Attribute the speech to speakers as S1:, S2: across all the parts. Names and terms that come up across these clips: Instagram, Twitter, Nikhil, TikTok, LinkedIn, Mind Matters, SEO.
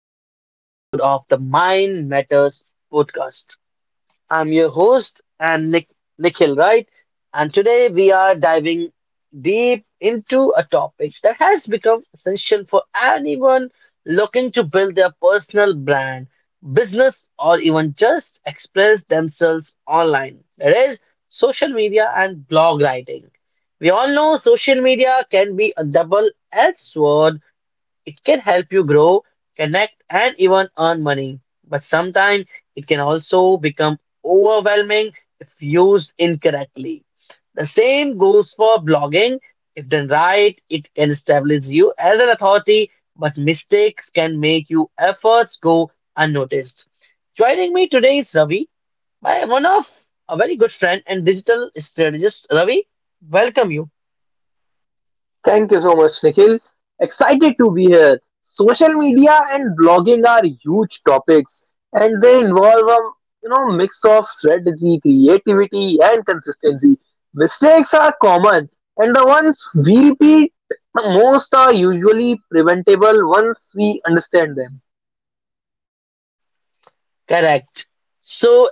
S1: another episode of the Mind Matters podcast. I'm your host and Nick Nikhil, right? And today we are diving deep into a topic that has become essential for anyone looking to build their personal brand, business, or even just express themselves online. That is social media and blog writing. We all know social media can be a double-edged sword. It can help you grow, connect, and even earn money. But sometimes it can also become overwhelming if used incorrectly. The same goes for blogging. If done right, it can establish you as an authority, but mistakes can make your efforts go unnoticed. Joining me today is Ravi, my one of a very good friend and digital strategist. Ravi, welcome you.
S2: Thank you so much, Nikhil. Excited to be here. Social media and blogging are huge topics, and they involve a mix of strategy, creativity, and consistency. Mistakes are common, and the ones we repeat the most are usually preventable once we understand them.
S1: Correct. So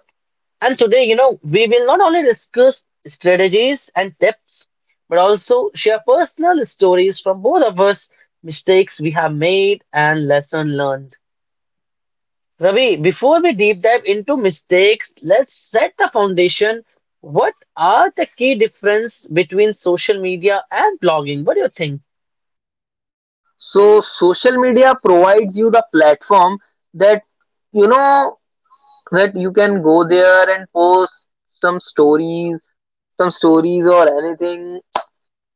S1: And today, we will not only discuss strategies and tips, but also share personal stories from both of us, mistakes we have made and lesson learned. Ravi, before we deep dive into mistakes, let's set the foundation. What are the key difference between social media and blogging? What do you think?
S2: So, social media provides you the platform that you know that you can go there and post some stories some stories or anything,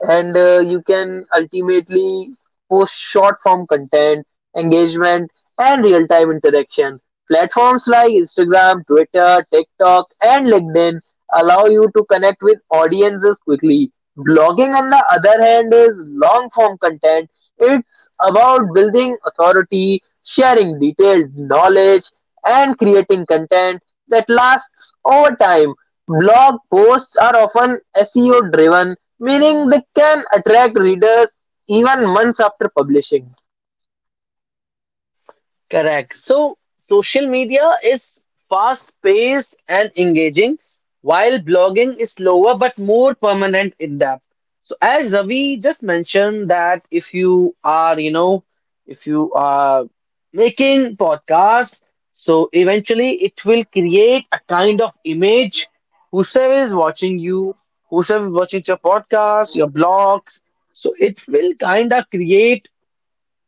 S2: and you can ultimately post short form content, engagement, and real time interaction. Platforms like Instagram, Twitter, TikTok, and LinkedIn allow you to connect with audiences quickly. Blogging, on the other hand, is long form content. It's about building authority, sharing detailed knowledge, and creating content that lasts over time. Blog posts are often SEO driven, meaning they can attract readers even months after publishing.
S1: Correct. So social media is fast paced and engaging, while blogging is slower but more permanent in depth. So as Ravi just mentioned, that if you are, you know, if you are making podcast, so eventually it will create a kind of image. Whosoever is watching you, whosoever is watching your podcast, your blogs, so it will kind of create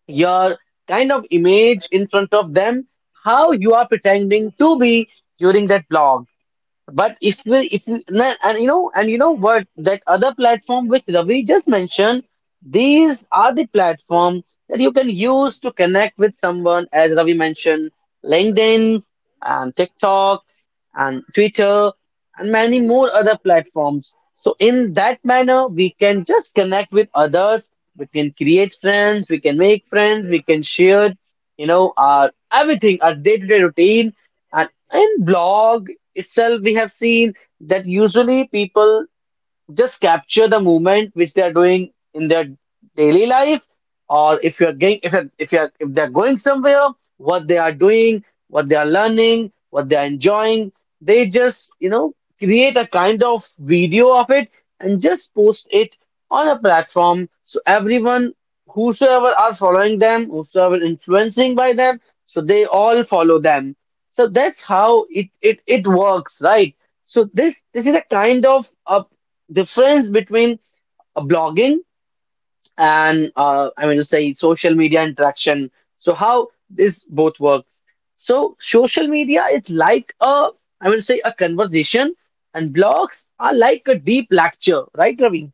S1: your kind of image in front of them, how you are pretending to be during that vlog. But if we, if you, na- And you know what, that other platform which Ravi just mentioned, these are the platform that you can use to connect with someone, as Ravi mentioned, LinkedIn and TikTok and Twitter and many more other platforms. So in that manner, we can just connect with others. We can create friends. We can make friends. We can share, our everything, our day-to-day routine. In blog itself, we have seen that usually people just capture the movement which they are doing in their daily life, or if you're going if you're, if you're if they're going somewhere, what they are doing, what they are learning, what they are enjoying. They just create a kind of video of it and just post it on a platform, so everyone whosoever are following them, whosoever influencing by them, so they all follow them. So that's how it works, right? So this is a kind of a difference between blogging and I mean to say social media interaction. So how this both work? So social media is like a, I mean to say, a conversation, and blogs are like a deep lecture, right, Ravi?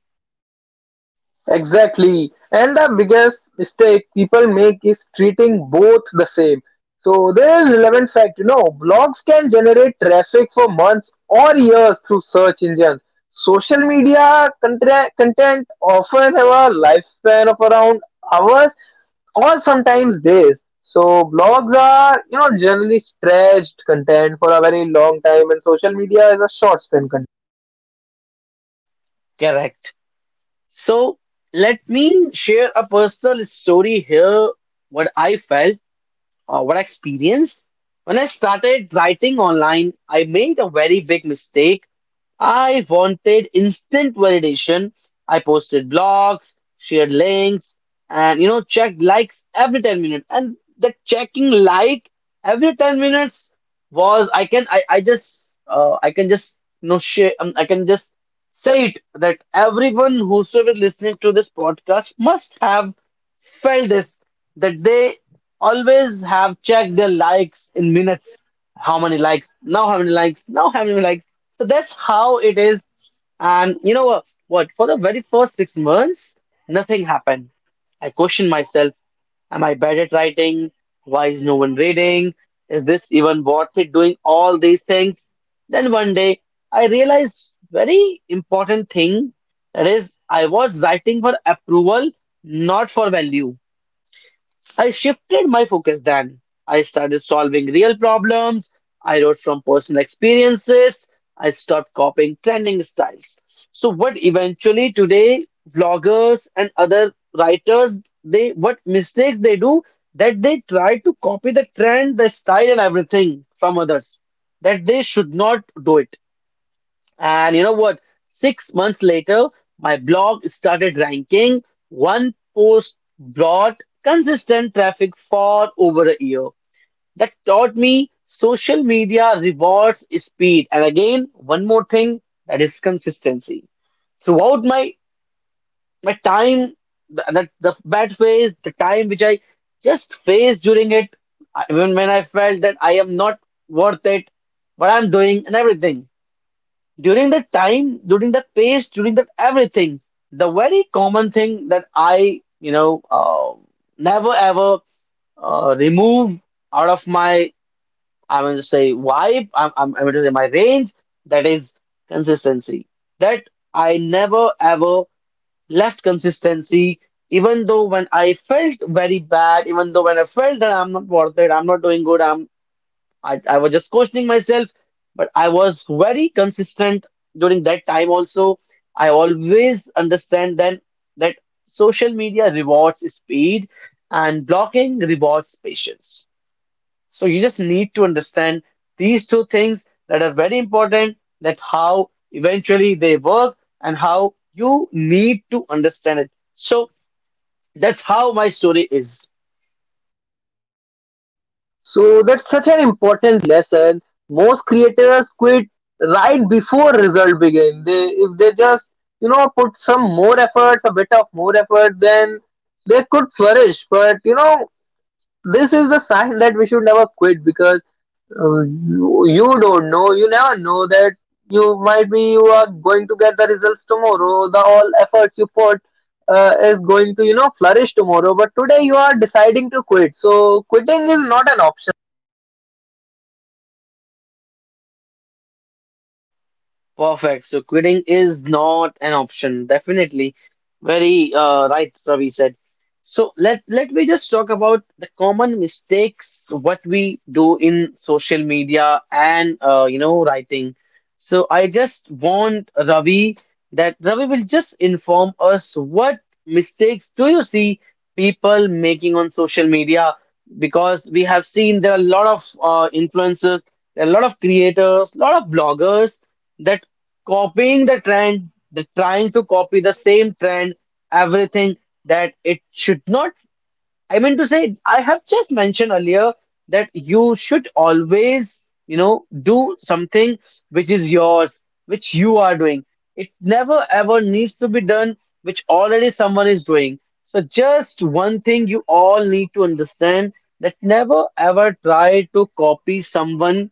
S2: Exactly. And the biggest mistake people make is treating both the same. So there is relevant fact, you know, blogs can generate traffic for months or years through search engines. Social media content often have a lifespan of around hours or sometimes days. So blogs are, you know, generally stretched content for a very long time, and social media is a short span content.
S1: Correct. So let me share a personal story here. What I felt. What I experienced when I started writing online, I made a very big mistake. I wanted instant validation. I posted blogs, shared links, and checked likes every 10 minutes. And the checking like every 10 minutes was I just I can just share, I can just say it that everyone whosoever listening to this podcast must have felt this, that they always have checked their likes in minutes. How many likes? Now how many likes? Now how many likes? So that's how it is. And you know what? For the very first 6 months, nothing happened. I questioned myself: Am I bad at writing? Why is no one reading? Is this even worth it? Doing all these things. Then one day, I realized very important thing. That is, I was writing for approval, not for value. I shifted my focus then. I started solving real problems. I wrote from personal experiences. I stopped copying trending styles. So what eventually today vloggers and other writers, they what mistakes they do, that they try to copy the trend, the style and everything from others. That they should not do it. And you know what? 6 months later, my blog started ranking. One post brought consistent traffic for over a year. That taught me social media rewards speed. And again, one more thing, that is consistency. Throughout my time, the bad phase, the time which I just faced during it, even when I felt that I am not worth it, what I'm doing and everything during that time, during that phase, during that everything, the very common thing that I never ever remove out of my, I'm going to say, vibe, I'm going to say my range, that is consistency. That I never ever left consistency, even though when I felt very bad, even though when I felt that I'm not worth it, I'm not doing good, I was just questioning myself, but I was very consistent during that time also. I always understand then that social media rewards speed and blocking rewards patience. So you just need to understand these two things that are very important, that how eventually they work and how you need to understand it. So that's how my story is.
S2: So that's such an important lesson. Most creators quit right before result begin. They, if they just put some more efforts, a bit of more effort, then they could flourish. But you know this is the sign that we should never quit because you don't know. You never know that you might be you are going to get the results tomorrow. The all efforts you put is going to you know flourish tomorrow, but today you are deciding to quit, so quitting is not an option.
S1: Perfect. So quitting is not an option. Definitely. Very right, Ravi said. So let me just talk about the common mistakes what we do in social media and writing. So I just want Ravi that Ravi will just inform us what mistakes do you see people making on social media, because we have seen there are a lot of influencers, there are a lot of creators, a lot of bloggers that copying the trend, the trying to copy the same trend, everything that it should not. I mean to say, I have just mentioned earlier that you should always, do something which is yours, which you are doing. It never ever needs to be done, which already someone is doing. So just one thing you all need to understand, that never ever try to copy someone,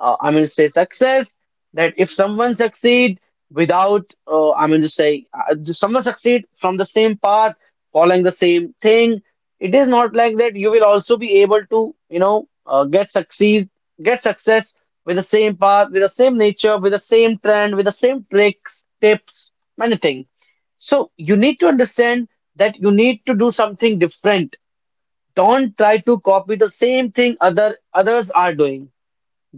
S1: I'm going to say, success. That if someone succeed without, I'm going to say, if someone succeed from the same path, following the same thing, it is not like that you will also be able to get succeed, get success with the same path, with the same nature, with the same trend, with the same tricks, tips, many things. So you need to understand that you need to do something different. Don't try to copy the same thing others are doing.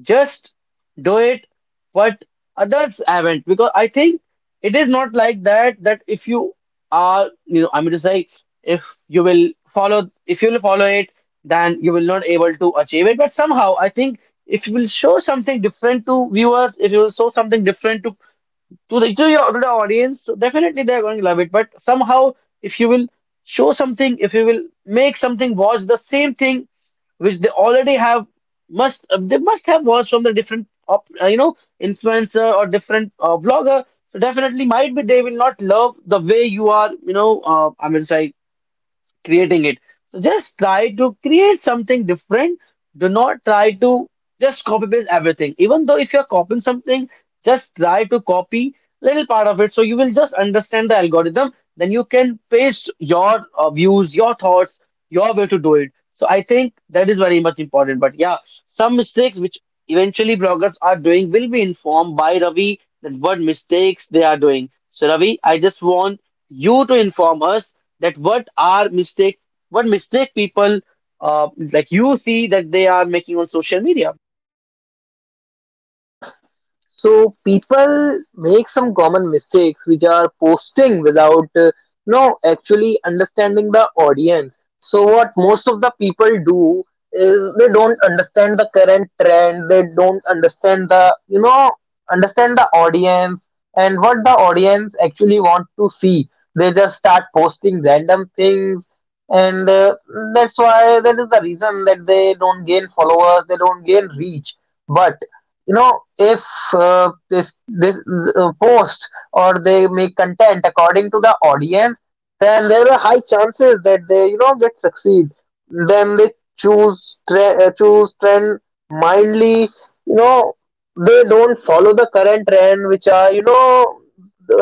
S1: Just do it what others haven't, because I think it is not like that, that if you are, I'm just like, if you will follow it, then you will not able to achieve it. But somehow I think, if you will show something different to viewers, if you will show something different to the to your to the audience, so definitely they're going to love it. But somehow if you will show something, if you will make something, watch the same thing which they already have, must they must have watched from the different op, you know influencer or different vlogger, so definitely might be they will not love the way you are, I mean say, creating it. So just try to create something different. Do not try to just copy paste everything. Even though if you're copying something, just try to copy little part of it. So you will just understand the algorithm. Then you can paste your views, your thoughts, your way to do it. So I think that is very much important. But yeah, some mistakes which eventually bloggers are doing will be informed by Ravi, that what mistakes they are doing. So Ravi, I just want you to inform us that what mistake people, like you see, that they are making on social media.
S2: So people make some common mistakes, which are posting without no actually understanding the audience. So what most of the people do is they don't understand the current trend, they don't understand the understand the audience and what the audience actually want to see. They just start posting random things, and that's why that is the reason that they don't gain followers, they don't gain reach. But you know if this this post or they make content according to the audience, then there are high chances that they you know get succeed. Then they choose trend mindly, you know. They don't follow the current trend, which are you know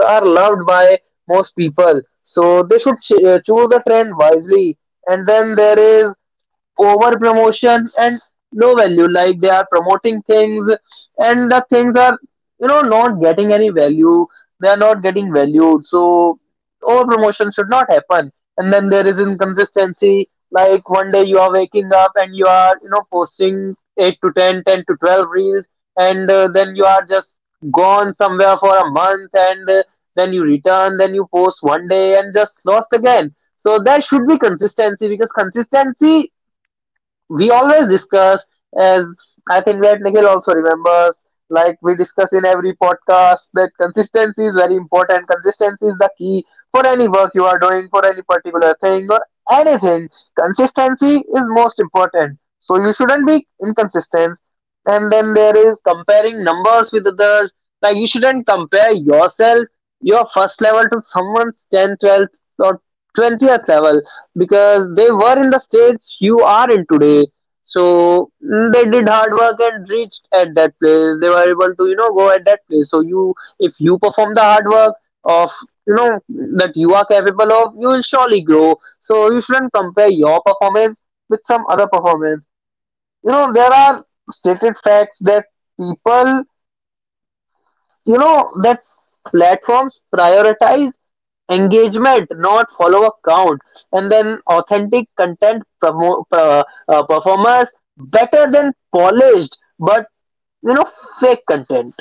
S2: are loved by most people, so they should choose the trend wisely. And then there is over promotion and low value, like they are promoting things and the things are you know not getting any value, they are not getting valued, so over promotion should not happen. And then there is inconsistency, like one day you are waking up and you are you know posting 8 to 10, 10 to 12 reels, and then you are just gone somewhere for a month, and then you return, then you post one day and just lost again. So there should be consistency, because consistency we always discuss, as I think that Nikhil also remembers, like we discuss in every podcast that consistency is very important, consistency is the key for any work you are doing, for any particular thing or anything. Consistency is most important, so you shouldn't be inconsistent. And then there is comparing numbers with others, like you shouldn't compare yourself, your first level, to someone's 10th, 12th, or 20th level, because they were in the stage you are in today. So mm, they did hard work and reached at that place. They were able to, you know, go at that place. So you, if you perform the hard work of, you know, that you are capable of, you will surely grow. So you shouldn't compare your performance with some other performance. You know, there are stated facts that people you know that platforms prioritize engagement, not follower count. And then authentic content performers better than polished but you know fake content.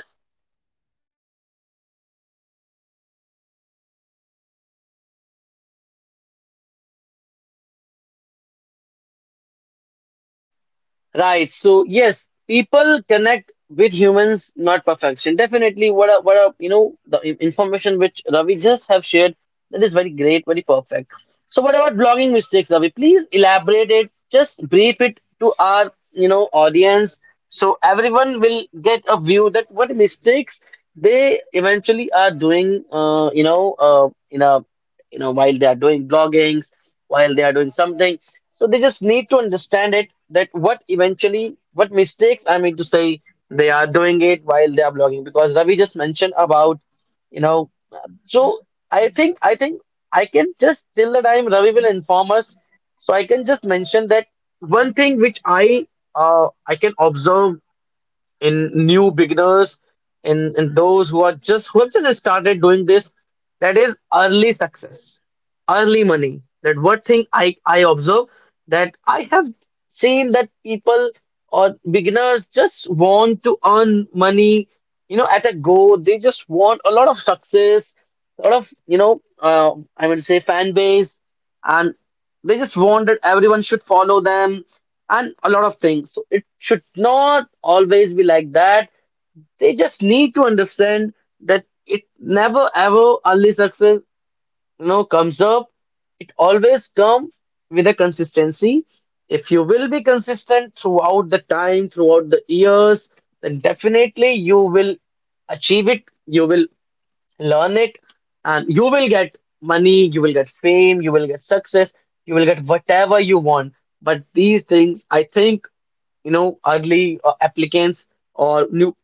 S1: Right. So yes, people connect with humans, not perfection. Definitely, what a, you know the in- information which Ravi just have shared, that is very great, very perfect. So what about blogging mistakes, Ravi? Please elaborate it. Just brief it to our audience, so everyone will get a view that what mistakes they eventually are doing. In a you know while they are doing bloggings, while they are doing something, so they just need to understand it that what eventually, what mistakes I mean to say they are doing it while they are blogging, because Ravi just mentioned about, you know, so I think I can just till the time Ravi will inform us, so I can just mention that one thing which I can observe in new beginners in those who are just who have just started doing this, that is early success, early money. That what thing I observe, that I have seen that people or beginners just want to earn money, you know, at a go. They just want a lot of success, a lot of I would say fan base, and they just want that everyone should follow them and a lot of things. So it should not always be like that. They just need to understand that it never ever early success you know comes up. It always comes with a consistency. If you will be consistent throughout the time, throughout the years, then definitely you will achieve it, you will learn it, and you will get money, you will get fame, you will get success, you will get whatever you want. But these things, I think, you know, early applicants or new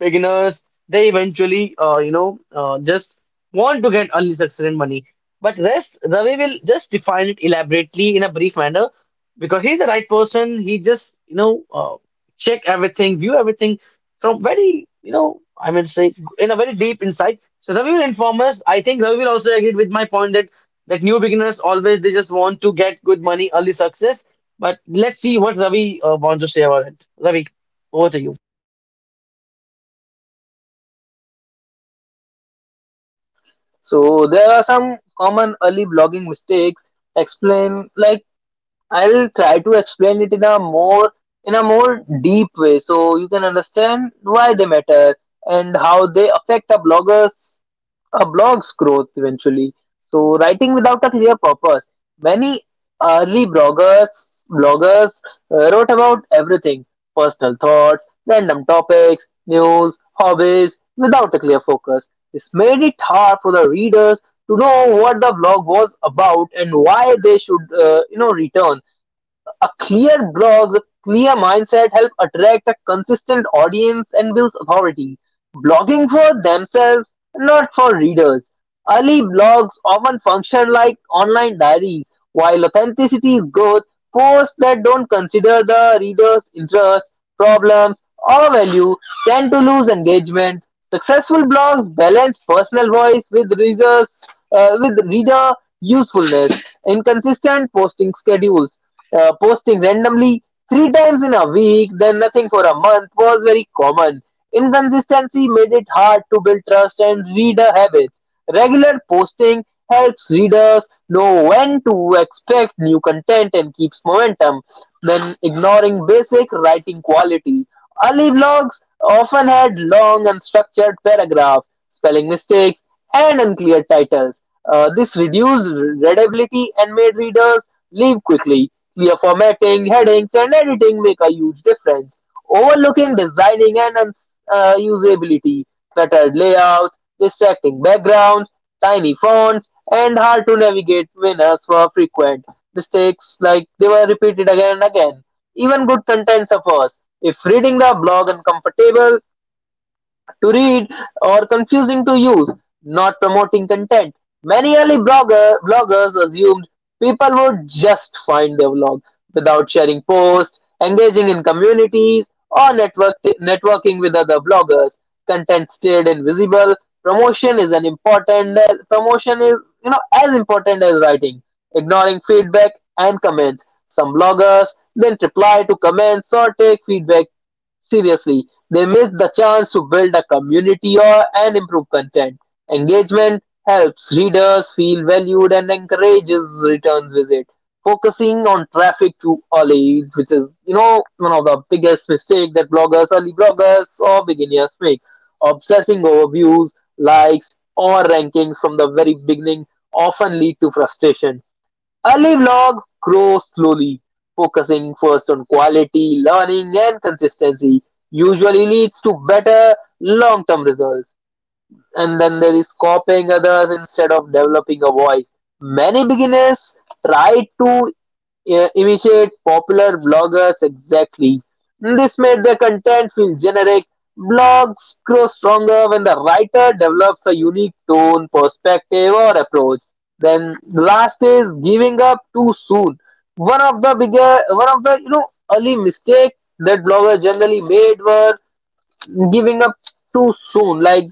S1: beginners, they eventually just want to get early success and money. But rest Ravi will just define it elaborately in a brief manner, because he's the right person. He just check everything, view everything from very you know I mean say in a very deep insight. So Ravi will inform us. I think Ravi will also agree with my point that new beginners always they just want to get good money, early success. But let's see what Ravi wants to say about it. Ravi, over to you.
S2: So there are some common early blogging mistakes. Explain like I'll try to explain it in a more deep way so you can understand why they matter and how they affect a blog's growth eventually. So writing without a clear purpose. Many early bloggers wrote about everything: personal thoughts, random topics, news, hobbies, without a clear focus. This made it hard for the readers to know what the blog was about and why they should, return. A clear blog, clear mindset help attract a consistent audience and builds authority. Blogging for themselves, not for readers. Early blogs often function like online diaries. While authenticity is good, posts that don't consider the reader's interests, problems, or value tend to lose engagement. Successful blogs balance personal voice with reader usefulness. Inconsistent posting schedules, posting randomly three times in a week, then nothing for a month was very common. Inconsistency made it hard to build trust and reader habits. Regular posting helps readers know when to expect new content and keeps momentum. Then ignoring basic writing quality. Early blogs often had long and structured paragraphs, spelling mistakes, and unclear titles. This reduced readability and made readers leave quickly. Clear formatting, headings, and editing make a huge difference. Overlooking designing and usability, cluttered layouts, distracting backgrounds, tiny fonts, and hard to navigate winners were frequent. Mistakes like they were repeated again and again. Even good content suffers. If reading the blog uncomfortable, to read or confusing to use, not promoting content. Many bloggers assumed people would just find their blog without sharing posts, engaging in communities, or networking with other bloggers. Content stayed invisible. Promotion is an important Promotion is you know as important as writing. Ignoring feedback and comments. Some bloggers then reply to comments or take feedback seriously, they miss the chance to build a community or and improve content. Engagement helps readers feel valued and encourages returns visit. Focusing on traffic to Ollie, which is you know one of the biggest mistake that early bloggers or beginners make. Obsessing over views, likes, or rankings from the very beginning often lead to frustration. Early blogs grows slowly, focusing first on quality, learning, and consistency usually leads to better long-term results. And then there is copying others instead of developing a voice. Many beginners try to imitate popular bloggers exactly. This made their content feel generic. Blogs grow stronger when the writer develops a unique tone, perspective, or approach. Then last is giving up too soon. One of the bigger, one of the you know early mistake that bloggers generally made were giving up too soon. Like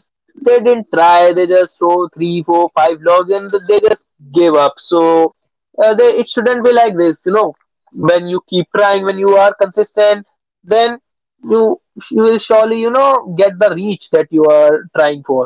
S2: they didn't try. They just throw three, four, five logs, and they just gave up. So it shouldn't be like this. You know, when you keep trying, when you are consistent, then you you will surely you know get the reach that you are trying for.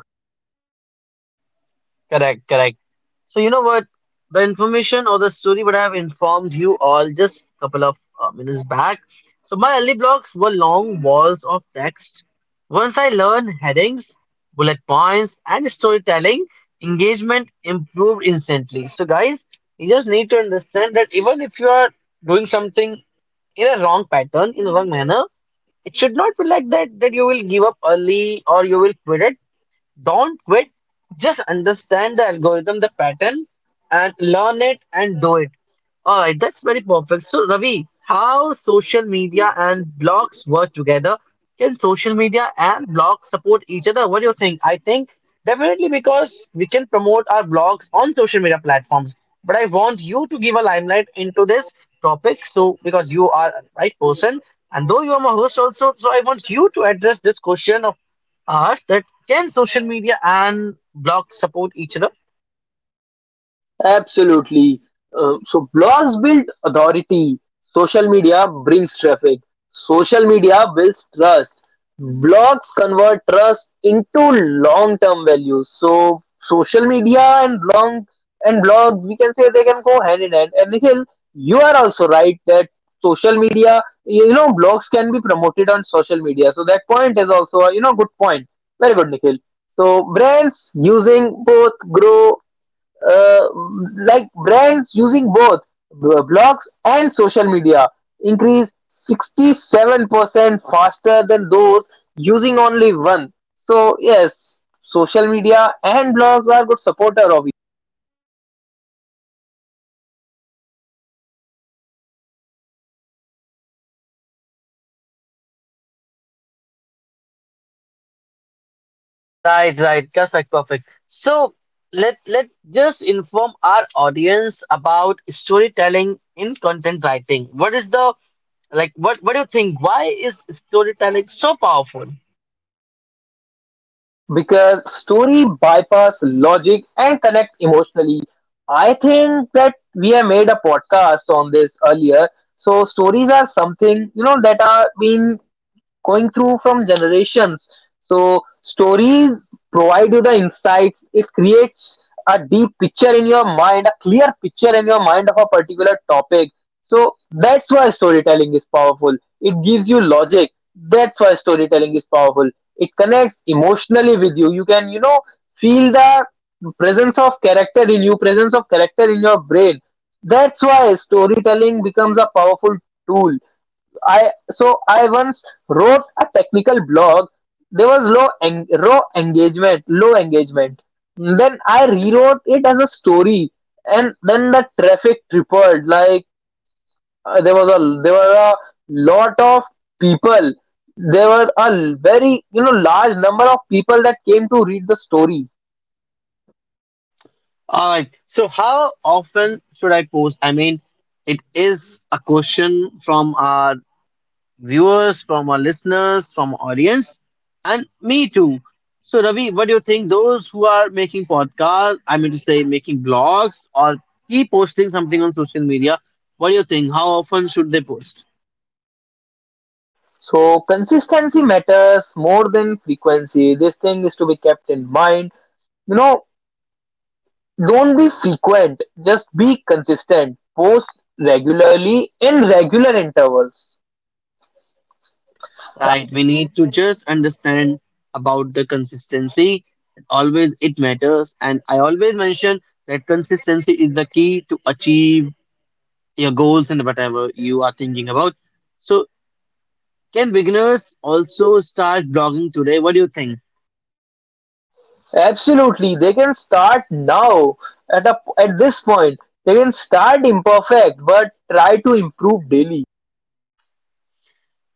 S1: Correct, correct. So you know what? The information or the story what I have informed you all just a couple of minutes back. So my early blocks were long walls of text. Once I learned headings, bullet points, and storytelling, engagement improved instantly. So guys, you just need to understand that even if you are doing something in a wrong pattern, in a wrong manner, it should not be like that that you will give up early or you will quit it. Don't quit. Just understand the algorithm, the pattern, and learn it and do it. All right, that's very perfect. So, Ravi, how social media and blogs work together? Can social media and blogs support each other? What do you think? I think definitely, because we can promote our blogs on social media platforms. But I want you to give a limelight into this topic. So, because you are a right person, and though you are my host also, so I want you to address this question of us that. Can social media and blog support each other?
S2: Absolutely. So blogs build authority. Social media brings traffic. Social media builds trust. Blogs convert trust into long-term value. So social media and long and blogs, we can say, they can go hand in hand. And Nikhil, you are also right that social media, you know, blogs can be promoted on social media. So that point is also, a, you know, good point. Very good, Nikhil. So brands using both grow, uh, like brands using both blogs and social media increased 67% faster than those using only one. So yes, social media and blogs are good supporter of
S1: Right, right. That's like perfect. So let just inform our audience about storytelling in content writing. What is the like what do you think? Why is storytelling so powerful?
S2: it, because story bypass logic and connect emotionally. I think that we have made a podcast on this earlier. So stories are something you know that are being going through from generations. So stories provide you the insights. It creates a deep picture in your mind, a clear picture in your mind of a particular topic. So that's why storytelling is powerful. It gives you logic. That's why storytelling is powerful. It connects emotionally with you. You can, you know, feel the presence of character in you, presence of character in your brain. That's why storytelling becomes a powerful tool. I once wrote a technical blog. There was low engagement, low engagement. Then I rewrote it as a story, and then the traffic tripled. Like there were a lot of people. There were a very you know large number of people that came to read the story.
S1: All right. So how often should I post? I mean, it is a question from our viewers, from our listeners, from our audience, and me too. So, Ravi, what do you think? Those who are making podcasts, I mean to say, making blogs or keep posting something on social media, what do you think? How often should they post?
S2: So consistency matters more than frequency. This thing is to be kept in mind. You know, don't be frequent, just be consistent. Post regularly in regular intervals.
S1: Right, we need to just understand about the consistency. Always it matters, and I always mention that consistency is the key to achieve your goals and whatever you are thinking about. So can beginners also start blogging today? What do you think?
S2: Absolutely, they can start now at this point. They can start imperfect, but try to improve daily.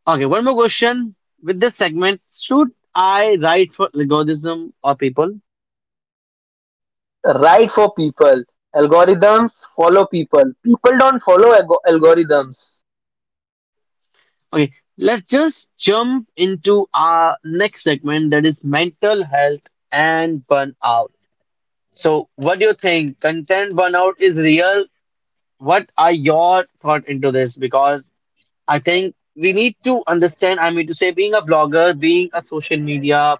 S1: Okay, one more question with this segment. Should I write for algorithm or people?
S2: Write for people. Algorithms follow people. People don't follow algorithms.
S1: Okay, let's just jump into our next segment that is mental health and burnout. So, what do you think? Content burnout is real. What are your thought into this? Because I think we need to understand, I mean to say, being a vlogger, being a social media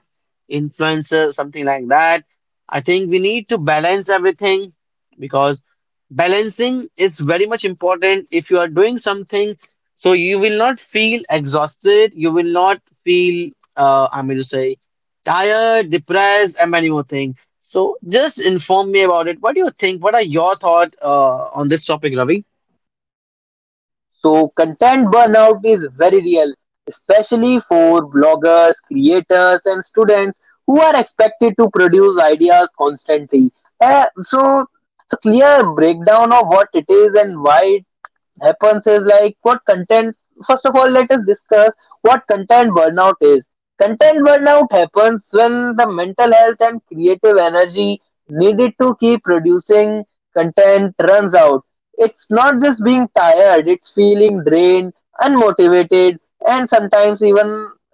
S1: influencer, something like that, I think we need to balance everything, because balancing is very much important. If you are doing something, so you will not feel exhausted, you will not feel, I mean to say, tired, depressed, and many more things. So just inform me about it. What do you think? What are your thoughts on this topic, Ravi?
S2: So content burnout is very real, especially for bloggers, creators, and students who are expected to produce ideas constantly. So a clear breakdown of what it is and why happens is like what content first of all let us discuss what content burnout is. Content burnout happens when the mental health and creative energy needed to keep producing content runs out. It's not just being tired, it's feeling drained, unmotivated, and sometimes even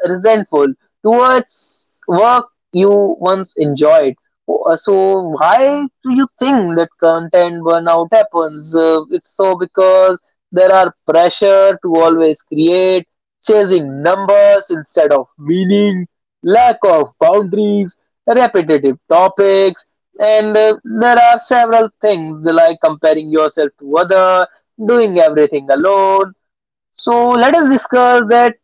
S2: resentful towards work you once enjoyed. So why do you think that content burnout happens? It's so because there are pressure to always create, chasing numbers instead of meaning, lack of boundaries, repetitive topics, and there are several things like comparing yourself to other, doing everything alone. So let us discuss that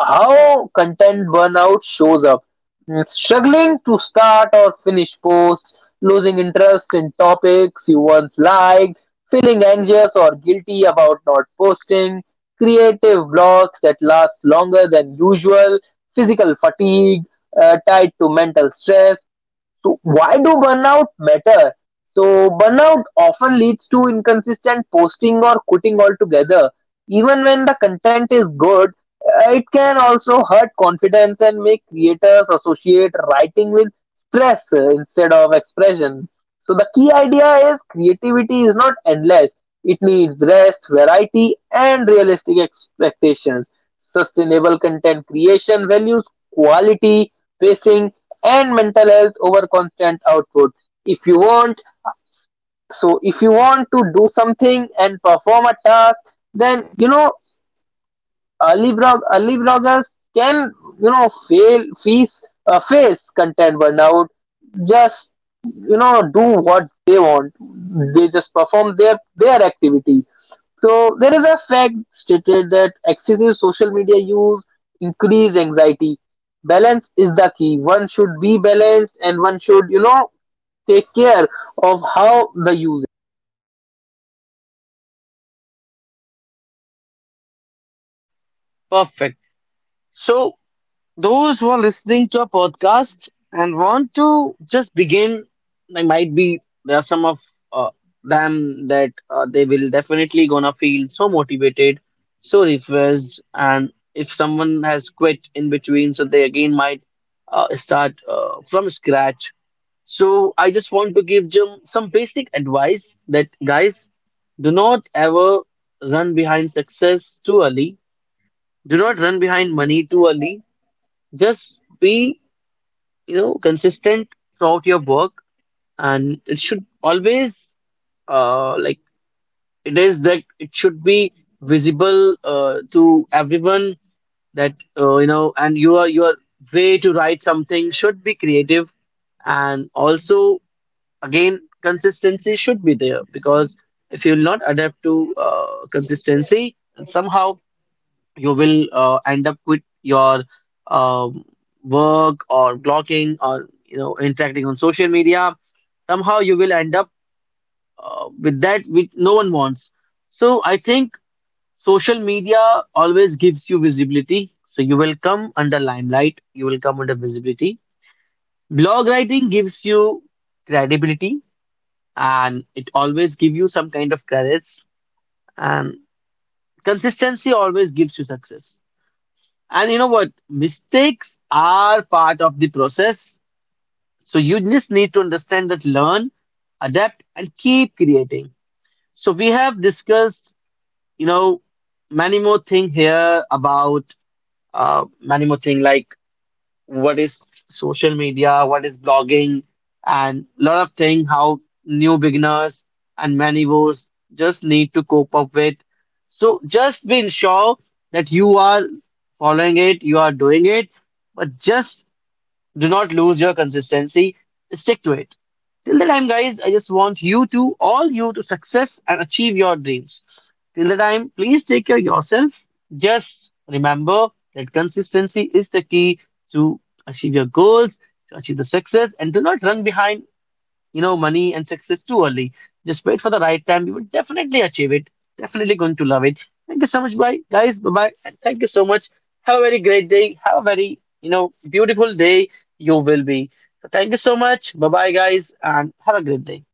S2: how content burnout shows up. Mm, struggling to start or finish posts, losing interest in topics you once liked, feeling anxious or guilty about not posting, creative blocks that last longer than usual, physical fatigue tied to mental stress. So why do burnout matter? So burnout often leads to inconsistent posting or quitting altogether. Even when the content is good, it can also hurt confidence and make creators associate writing with stress instead of expression. So the key idea is creativity is not endless. It needs rest, variety, and realistic expectations. Sustainable content creation values quality, pacing, and mental health over constant output. If you want, so if you want to do something and perform a task, then you know early bloggers can you know fail face face content burnout. Just you know do what they want. They just perform their activity. So there is a fact stated that excessive social media use increase anxiety. Balance is the key. One should be balanced, and one should you know take care of how the user
S1: Perfect. So, those who are listening to our podcast and want to just begin, they might be there are some of uh, them that they will definitely gonna feel so motivated, so refreshed, and if someone has quit in between, so they again might start from scratch. So I just want to give them some basic advice that guys, do not ever run behind success too early. Do not run behind money too early. Just be you know consistent throughout your work, and it should always like it is that it should be visible to everyone that you know, and your way to write something should be creative, and also again consistency should be there, because if you will not adapt to consistency, somehow you will end up quit your um, work or blocking or you know interacting on social media, somehow you will end up with that which no one wants. So I think social media always gives you visibility, so you will come under limelight, you will come under visibility. Blog writing gives you credibility, and it always give you some kind of credits. And consistency always gives you success. And you know what? Mistakes are part of the process. So you just need to understand that learn, adapt, and keep creating. So we have discussed, you know, many more thing here about many more thing, like what is social media, what is blogging, and lot of things how new beginners and manivores just need to cope up with. So just be sure that you are following it, you are doing it, but just do not lose your consistency. Stick to it. Till the time, guys, I just want you to, all you to success and achieve your dreams. Till the time, please take care of yourself. Just remember that consistency is the key to achieve your goals, to achieve the success, and do not run behind you know, money and success too early. Just wait for the right time. You will definitely achieve it. Definitely going to love it. Thank you so much, bye guys. Bye bye. And thank you so much. Have a very great day. Have a very, you know, beautiful day. You will be. So thank you so much. Bye bye, guys, and have a great day.